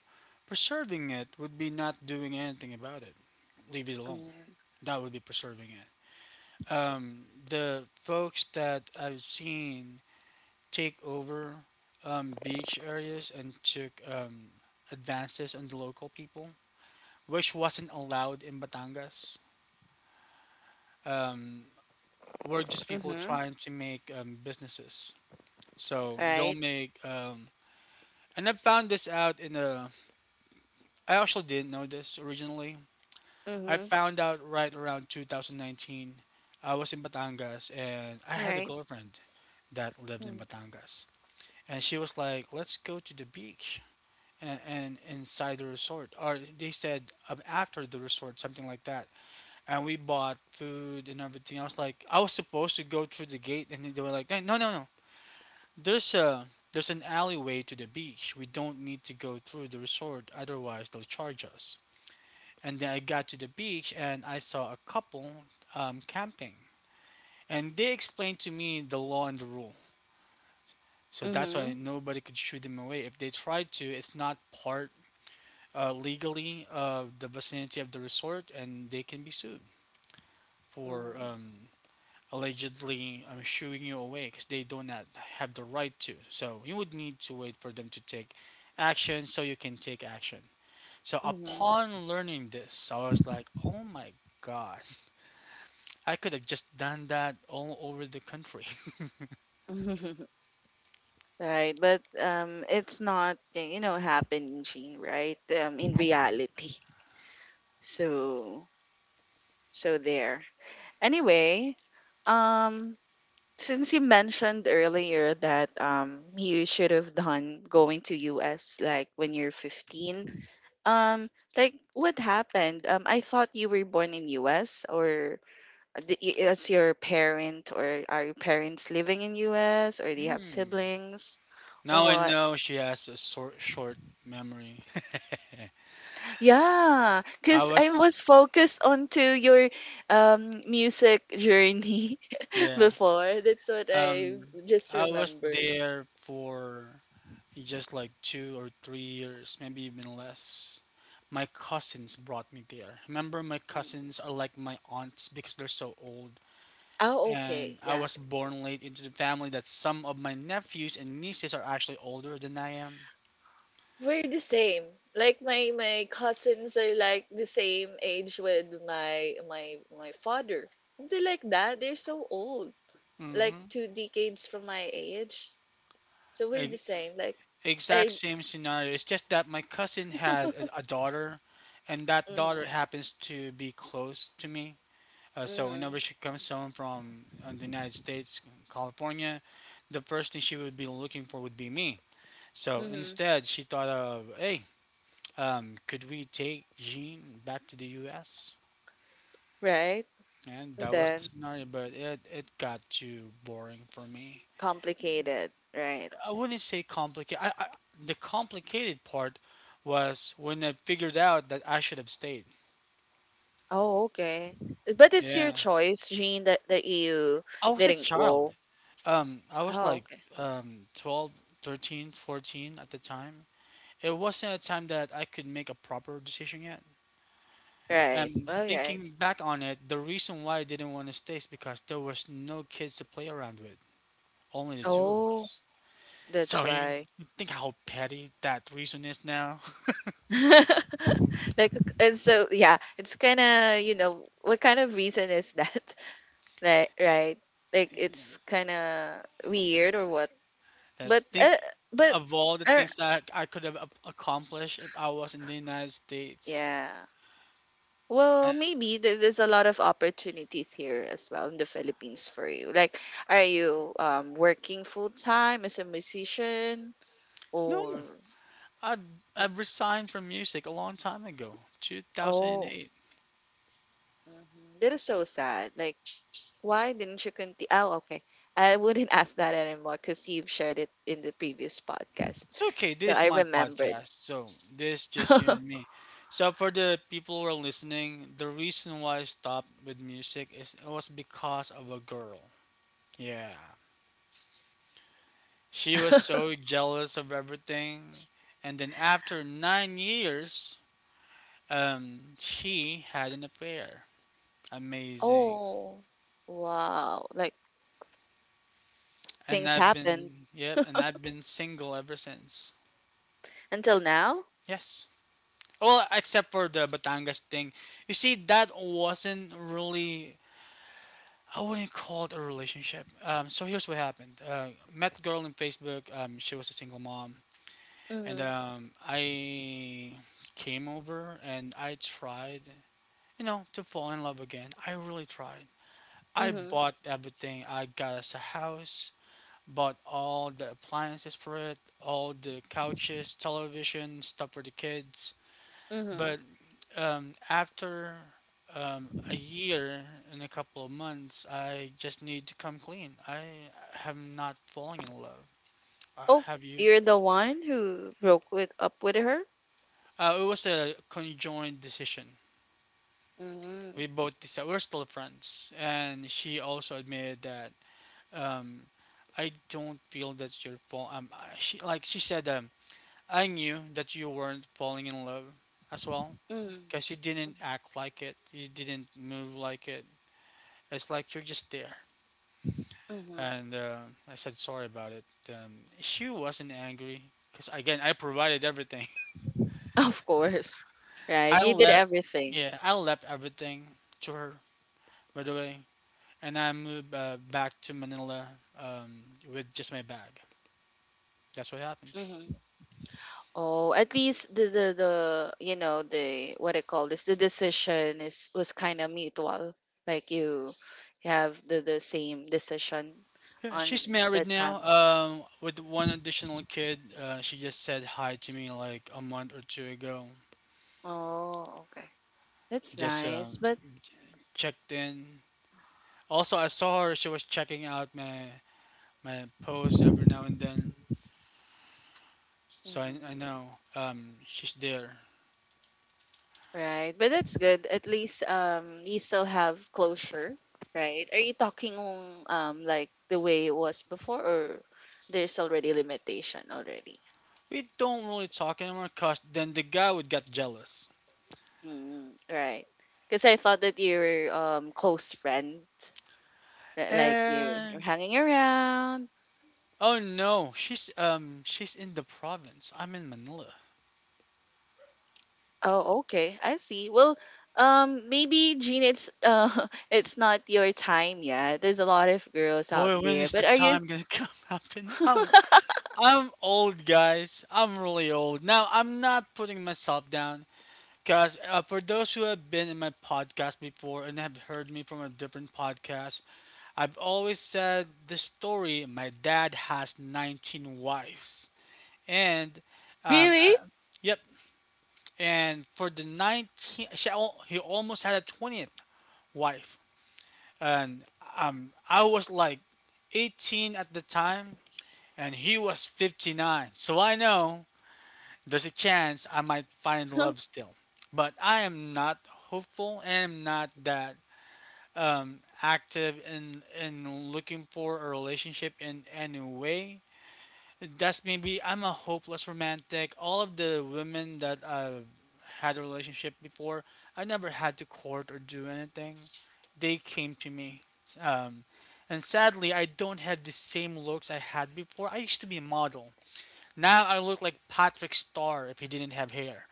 S1: preserving it would be not doing anything about it. Leave it alone.
S2: Mm,
S1: That would be preserving it. The folks that I've seen take over beach areas and took advances on the local people, which wasn't allowed in Batangas, um, were just people
S2: mm-hmm.
S1: trying to make businesses. So they'll
S2: Right.
S1: make, and I found this out in I actually didn't know this originally. I
S2: Mm-hmm.
S1: found out right around 2019. I was in Batangas and I had a
S2: Right.
S1: girlfriend that lived in
S2: Mm,
S1: Batangas. And she was like, "Let's go to the beach." And inside the resort, or they said after the resort, something like that. And we bought food and everything. I was like, I was supposed to go through the gate, and they were like, "No, no, no, no. There's a there's an alleyway to the beach. We don't need to go through the resort. Otherwise, they'll charge us." And then I got to the beach, and I saw a couple camping, and they explained to me the law and the rule. So that's
S2: mm-hmm,
S1: why nobody could shoo them away. If they tried to, it's not part legally of the vicinity of the resort, and they can be sued for
S2: mm,
S1: allegedly shooing you away because they do not have the right to. So you would need to wait for them to take action so you can take action. So
S2: mm-hmm.
S1: upon learning this, I was like, oh my god, I could have just done that all over the country.
S2: Right, but it's not, you know, happening, Jean, right? In reality, so so there, anyway, um since you mentioned earlier that you should have done going to US like when you're 15, um like what happened, I thought you were born in US, or the- is your parent, or are your parents living in US, or do you have
S1: Hmm.
S2: siblings or
S1: Now I
S2: what?
S1: know she has a short memory.
S2: Yeah,
S1: I
S2: cuz
S1: was,
S2: I was focused onto your music journey
S1: yeah,
S2: before, that's what I
S1: um,
S2: just
S1: I was
S2: remembered.
S1: there for it's just like 2 or 3 years, maybe even less. My cousins brought me there. Remember, my
S2: Mm.
S1: cousins are like my aunts because they're so old.
S2: Oh, okay,
S1: And I
S2: yeah.
S1: was born late into the family that some of my nephews and nieces are actually older than I am.
S2: We're the same. Like my cousins are like the same age with my father. They like that. They're so old. Like
S1: Mm-hmm.
S2: two decades from my age. So we're the
S1: E-
S2: same. Like
S1: exact
S2: I
S1: same scenario. It's just that my cousin had a daughter, and that
S2: mm-hmm,
S1: daughter happens to be close to me. So
S2: mm-hmm,
S1: whenever she comes home from the United States, California, the first thing she would be looking for would be me. So
S2: mm-hmm.
S1: instead, she thought of, hey, could we take Jean back to the U.S.?
S2: Right?
S1: And that was the
S2: Then
S1: scenario, but it got too boring for me.
S2: complicated, right?
S1: I wouldn't say complicated. The complicated part was when I figured out that I should have stayed.
S2: Oh, okay. But it's your
S1: Yeah.
S2: choice, Jean, that, that you
S1: I was a
S2: didn't
S1: child.
S2: go.
S1: I was
S2: Oh,
S1: like
S2: okay.
S1: 12, 13, 14 at the time. It wasn't a time that I could make a proper decision yet.
S2: Right.
S1: And
S2: All right.
S1: thinking back on it, the reason why I didn't want to stay is because there was no kids to play around with, only the two of
S2: Oh,
S1: us.
S2: that's
S1: So you
S2: why.
S1: think how petty that reason is now?
S2: Like, and so yeah, it's kind of, you know, what kind of reason is that? Like, right, like it's kind of weird or what, but
S1: Think
S2: uh, but
S1: of all the
S2: uh,
S1: things that I could have accomplished if I was in the United States.
S2: yeah. Well,
S1: Uh,
S2: maybe there- there's a lot of opportunities here as well in the Philippines for you. Like, are you working full-time as a musician,
S1: no,
S2: or
S1: I I
S2: y-
S1: resigned from music a long time ago,
S2: oh,
S1: 2008.
S2: mhm, that is so sad. Like, why didn't you continue? Oh, okay. I wouldn't ask that anymore because you've shared it in the previous podcast.
S1: It's okay.
S2: So
S1: This is
S2: I
S1: my
S2: remembered.
S1: podcast, so this just you and me. So for the people who are listening, the reason why I stopped with music is it was because of a girl. Yeah, she was so jealous of everything, and then after 9 years, she had an affair. Amazing.
S2: Oh, wow. Like
S1: And
S2: things
S1: I've
S2: happened
S1: been yep, and I've been single ever since.
S2: until now?
S1: Yes. Well, except for the Batangas thing. You see, that wasn't really I wouldn't call it a relationship. So here's what happened. Met a girl on Facebook. She was a single mom, and
S2: Mm-hmm.
S1: I came over and I tried, you know, to fall in love again. I really tried. I
S2: Mm-hmm.
S1: bought everything. I got us a house, bought all the appliances for it, all the couches, television, stuff for the kids.
S2: Mm-hmm.
S1: But after a year and a couple of months, I just need to come clean. I have not fallen in love.
S2: Oh,
S1: Have you?
S2: you're the one who broke with up with her?
S1: It was a conjoined decision.
S2: Mm-hmm.
S1: We both decided we're still friends, and she also admitted that um, I don't feel that you're fall. She she said I knew that you weren't falling in love as well,
S2: Mm-hmm.
S1: cause you didn't act like it. You didn't move like it. It's like you're just there.
S2: Mm-hmm.
S1: And I said sorry about it. She wasn't angry because again I provided everything.
S2: Of course. Right.
S1: I
S2: You did
S1: left,
S2: everything.
S1: yeah, I left everything to her by the way, and I moved back to Manila um, with just my bag. That's what happened.
S2: Oh, at least the you know, the what I call this, the decision is was kind of mutual. Like you have the same decision
S1: Yeah,
S2: on
S1: she's married
S2: that time.
S1: now with one additional kid. She just said hi to me like a month or two ago.
S2: Oh, okay, that's
S1: Just
S2: nice. But
S1: checked in. Also, I saw her. She was checking out my posts every now and then. So I
S2: mhm,
S1: know she's there.
S2: right, but that's good. At least you still have closure, right? Are you talking like the way it was before, or there's already limitation already?
S1: We don't really talk anymore because then the guy would get jealous.
S2: Mm, right. Because I thought that you're close friend, like you're
S1: And
S2: hanging around.
S1: oh no, she's she's in the province. I'm in Manila.
S2: Oh, okay. I see. Well, maybe Gene, it's it's not your time yet. There's a lot of girls out
S1: Boy, when
S2: there,
S1: is the
S2: but are you
S1: time gonna come up? And I'm old, guys. I'm really old. Now I'm not putting myself down, cause for those who have been in my podcast before and have heard me from a different podcast, I've always said the story. My dad has 19 wives. And um,
S2: really?
S1: uh, yep, and for the 19th, he almost had a 20th wife, and I was like 18 at the time, and he was 59. So I know there's a chance I might find love still, but I am not hopeful and am not that active in looking for a relationship in any way. That's maybe I'm a hopeless romantic. All of the women that I had a relationship before, I never had to court or do anything. They came to me. Um, and sadly, I don't have the same looks I had before. I used to be a model. Now I look like Patrick Starr if he didn't have hair.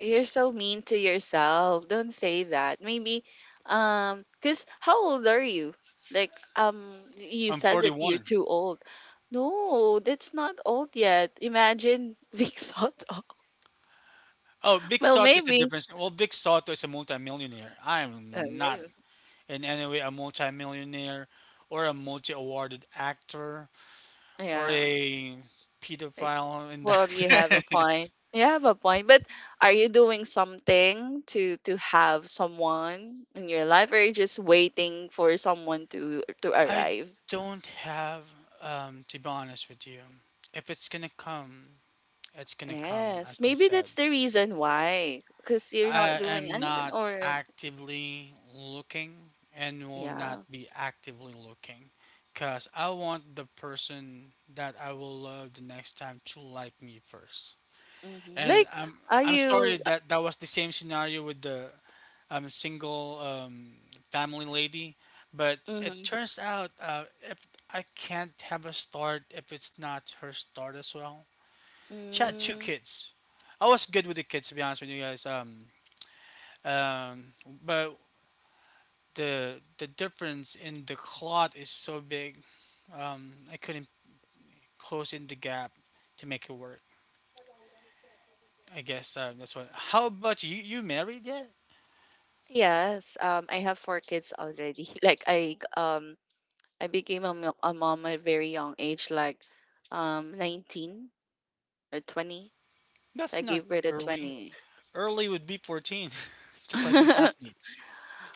S2: You're so mean to yourself. Don't say that. Maybe, cause how old are you? Like, you
S1: I'm
S2: said that you're
S1: 41.
S2: too old. No, that's not old yet. Imagine being sort.
S1: Oh, Vic
S2: Well,
S1: Soto is a
S2: maybe.
S1: difference. Well, Vic Soto is a multimillionaire. I am not
S2: Maybe.
S1: in any way a multimillionaire or a multi-awarded actor. Or
S2: Yeah.
S1: a
S2: Like,
S1: pedophile in that
S2: well, you have a
S1: sense.
S2: point. You have a point. But are you doing something to have someone in your life, or are you just waiting for someone to
S1: I
S2: arrive?
S1: don't have, to be honest with you. If it's gonna come, it's gonna come, as
S2: Yes,
S1: they
S2: maybe
S1: said.
S2: that's the reason why, because you're not
S1: I
S2: doing
S1: am
S2: anything,
S1: not
S2: or
S1: actively looking and will not
S2: yeah,
S1: be actively looking because I want the person that I will love the next time to like me first.
S2: hmm.
S1: And
S2: Like,
S1: I'm
S2: are
S1: I'm sorry
S2: you?
S1: that that was the same scenario with the I'm a single family lady, but it
S2: Mm-hmm.
S1: turns out if I can't have a start if it's not her start as well. She had two
S2: Mm,
S1: kids. I was good with the kids to be honest with you guys. Um, but the difference in the clot is so big. I couldn't close in the gap to make it work. I guess that's what. How about you? You married yet?
S2: yes, I have four kids already. Like, I became a, a mom at a very young age, like, 19 or 20, so I
S1: That's not
S2: gave birth at
S1: early.
S2: 20.
S1: Early would be 14, just like my classmates.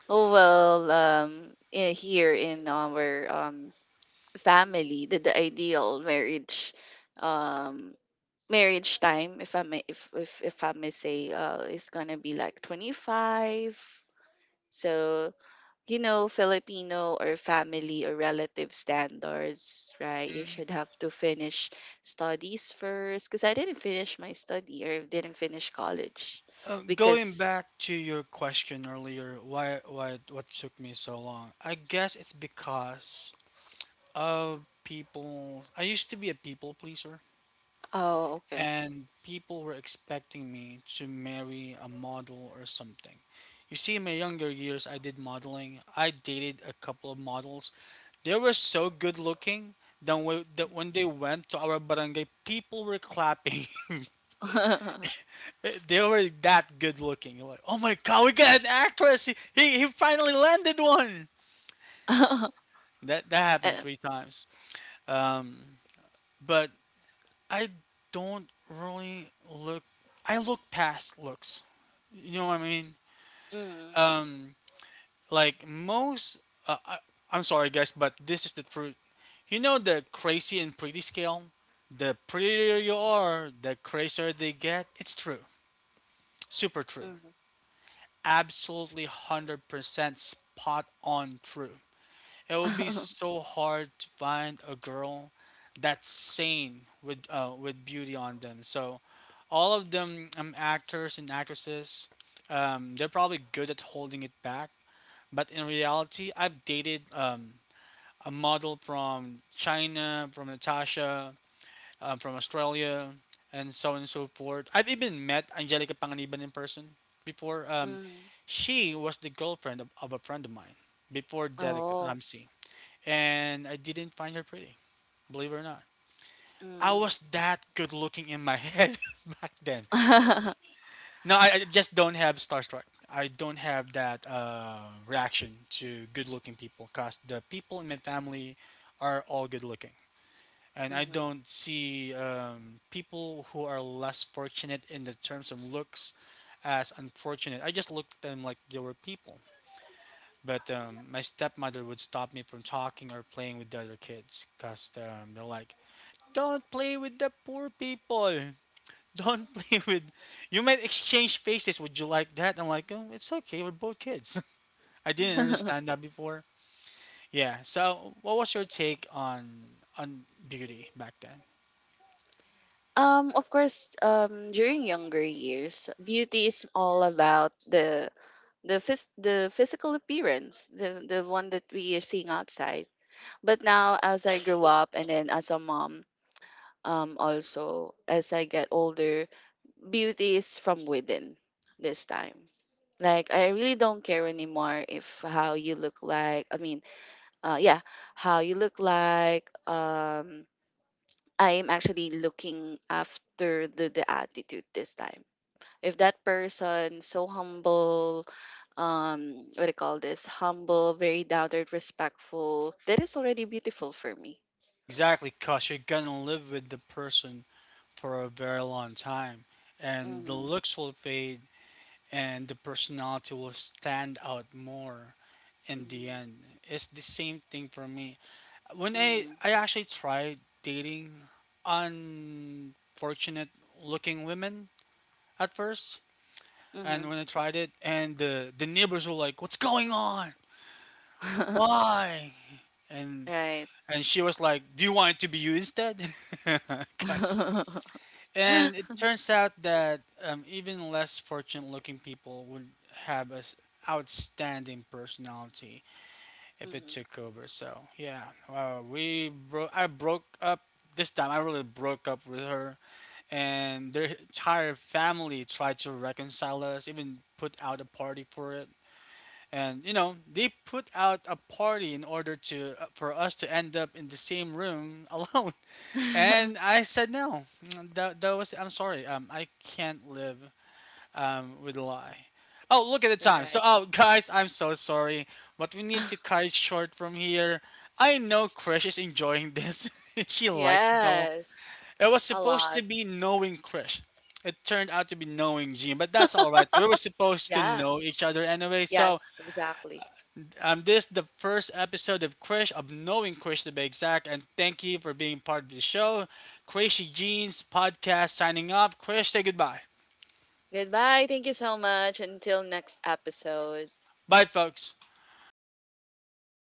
S2: Oh well, here in our family, the ideal marriage, um, marriage time, if I may, if I may say is gonna be like 25, so you know, Filipino or family or relative standards, right, you
S1: hmm
S2: should have to finish studies first, because I didn't finish my study or didn't finish college
S1: Going
S2: because
S1: back to your question earlier, why what took me so long? I guess it's because of people. I used to be a people pleaser,
S2: oh okay.
S1: and people were expecting me to marry a model or something. You see, in my younger years, I did modeling. I dated a couple of models. They were so good looking that when they went to our barangay, people were clapping. Eh, they were that good looking. Like, oh my god, we got an actress. He finally landed one. That happened
S2: Eh,
S1: three times. Um, but I don't really look. I look past looks. You know what I mean?
S2: mm,
S1: Um, like most. Uh, I, I'm sorry, guys, but this is the truth. You know the crazy and pretty scale. The prettier you are, the crazier they get. It's true. Super true.
S2: mm.
S1: Absolutely 100% spot on true. It would be so hard to find a girl that's sane with beauty on them. So all of them actors and actresses, they're probably good at holding it back. But in reality, I've dated a model from China, from Natasha, from Australia, and so on and so forth. I've even met Angelica Panganiban in person before.
S2: Mm.
S1: She was the girlfriend of a friend of mine before Derek
S2: Oh,
S1: Ramsey, and I didn't find her pretty, believe it or not. I was
S2: mm.
S1: that good looking in my head back then. No, I just don't have starstruck. I don't have that reaction to good looking people because the people in my family are all good looking. And I
S2: Mhm.
S1: don't see people who are less fortunate in the terms of looks as unfortunate. I just looked at them like they were people. But my stepmother would stop me from talking or playing with the other kids because they're like, "Don't play with the poor people. Don't play with." You might exchange faces. Would you like that? I'm like, oh, "It's okay. We're both kids." I didn't understand that before. Yeah. So, what was your take on beauty back then?
S2: Of course, during younger years, beauty is all about the the physical appearance, the one that we are seeing outside. But now, as I grew up, and then as a mom, also as I get older, beauty is from within. This time, like I really don't care anymore if how you look like. I mean, yeah, how you look like. I'm actually looking after the attitude this time. If that person so humble, what do you call this? Humble, very doubted, respectful. That is already beautiful for me.
S1: Exactly, because you're gonna live with the person for a very long time, and the
S2: Mm-hmm.
S1: looks will fade, and the personality will stand out more in the end. It's the same thing for me. When I
S2: Mm-hmm.
S1: I actually tried dating unfortunate looking women at first,
S2: Mm-hmm.
S1: and when I tried it, and the neighbors were like, "What's going on? Why?" and
S2: Right.
S1: and she was like, "Do you want it to be you instead?" 'Cause
S2: Mm-hmm.
S1: and it turns out that even less fortunate looking people would have an outstanding personality if it took over. So, yeah, I broke up this time. I really broke up with her, and their entire family tried to reconcile us, even put out a party for it. And you know, they put out a party in order to for us to end up in the same room alone. And I said no. That was I'm sorry. I can't live with a lie. Oh, look at the time. So,
S2: Right.
S1: oh, guys, I'm so sorry, but we need to cut it short from here. I know Krish is enjoying this. She likes the.
S2: Yes.
S1: It was
S2: A
S1: supposed to
S2: lot.
S1: be knowing Krish. It turned out to be knowing Gene, but that's all right. We were supposed to
S2: Yeah.
S1: know each other anyway, so
S2: Yes, exactly.
S1: this the first episode of Krish of knowing Krish to be exact, and thank you for being part of the show. Crazy Jeans podcast signing off. Krish, say goodbye.
S2: Goodbye. Thank you so much. Until next episode.
S1: Bye, folks.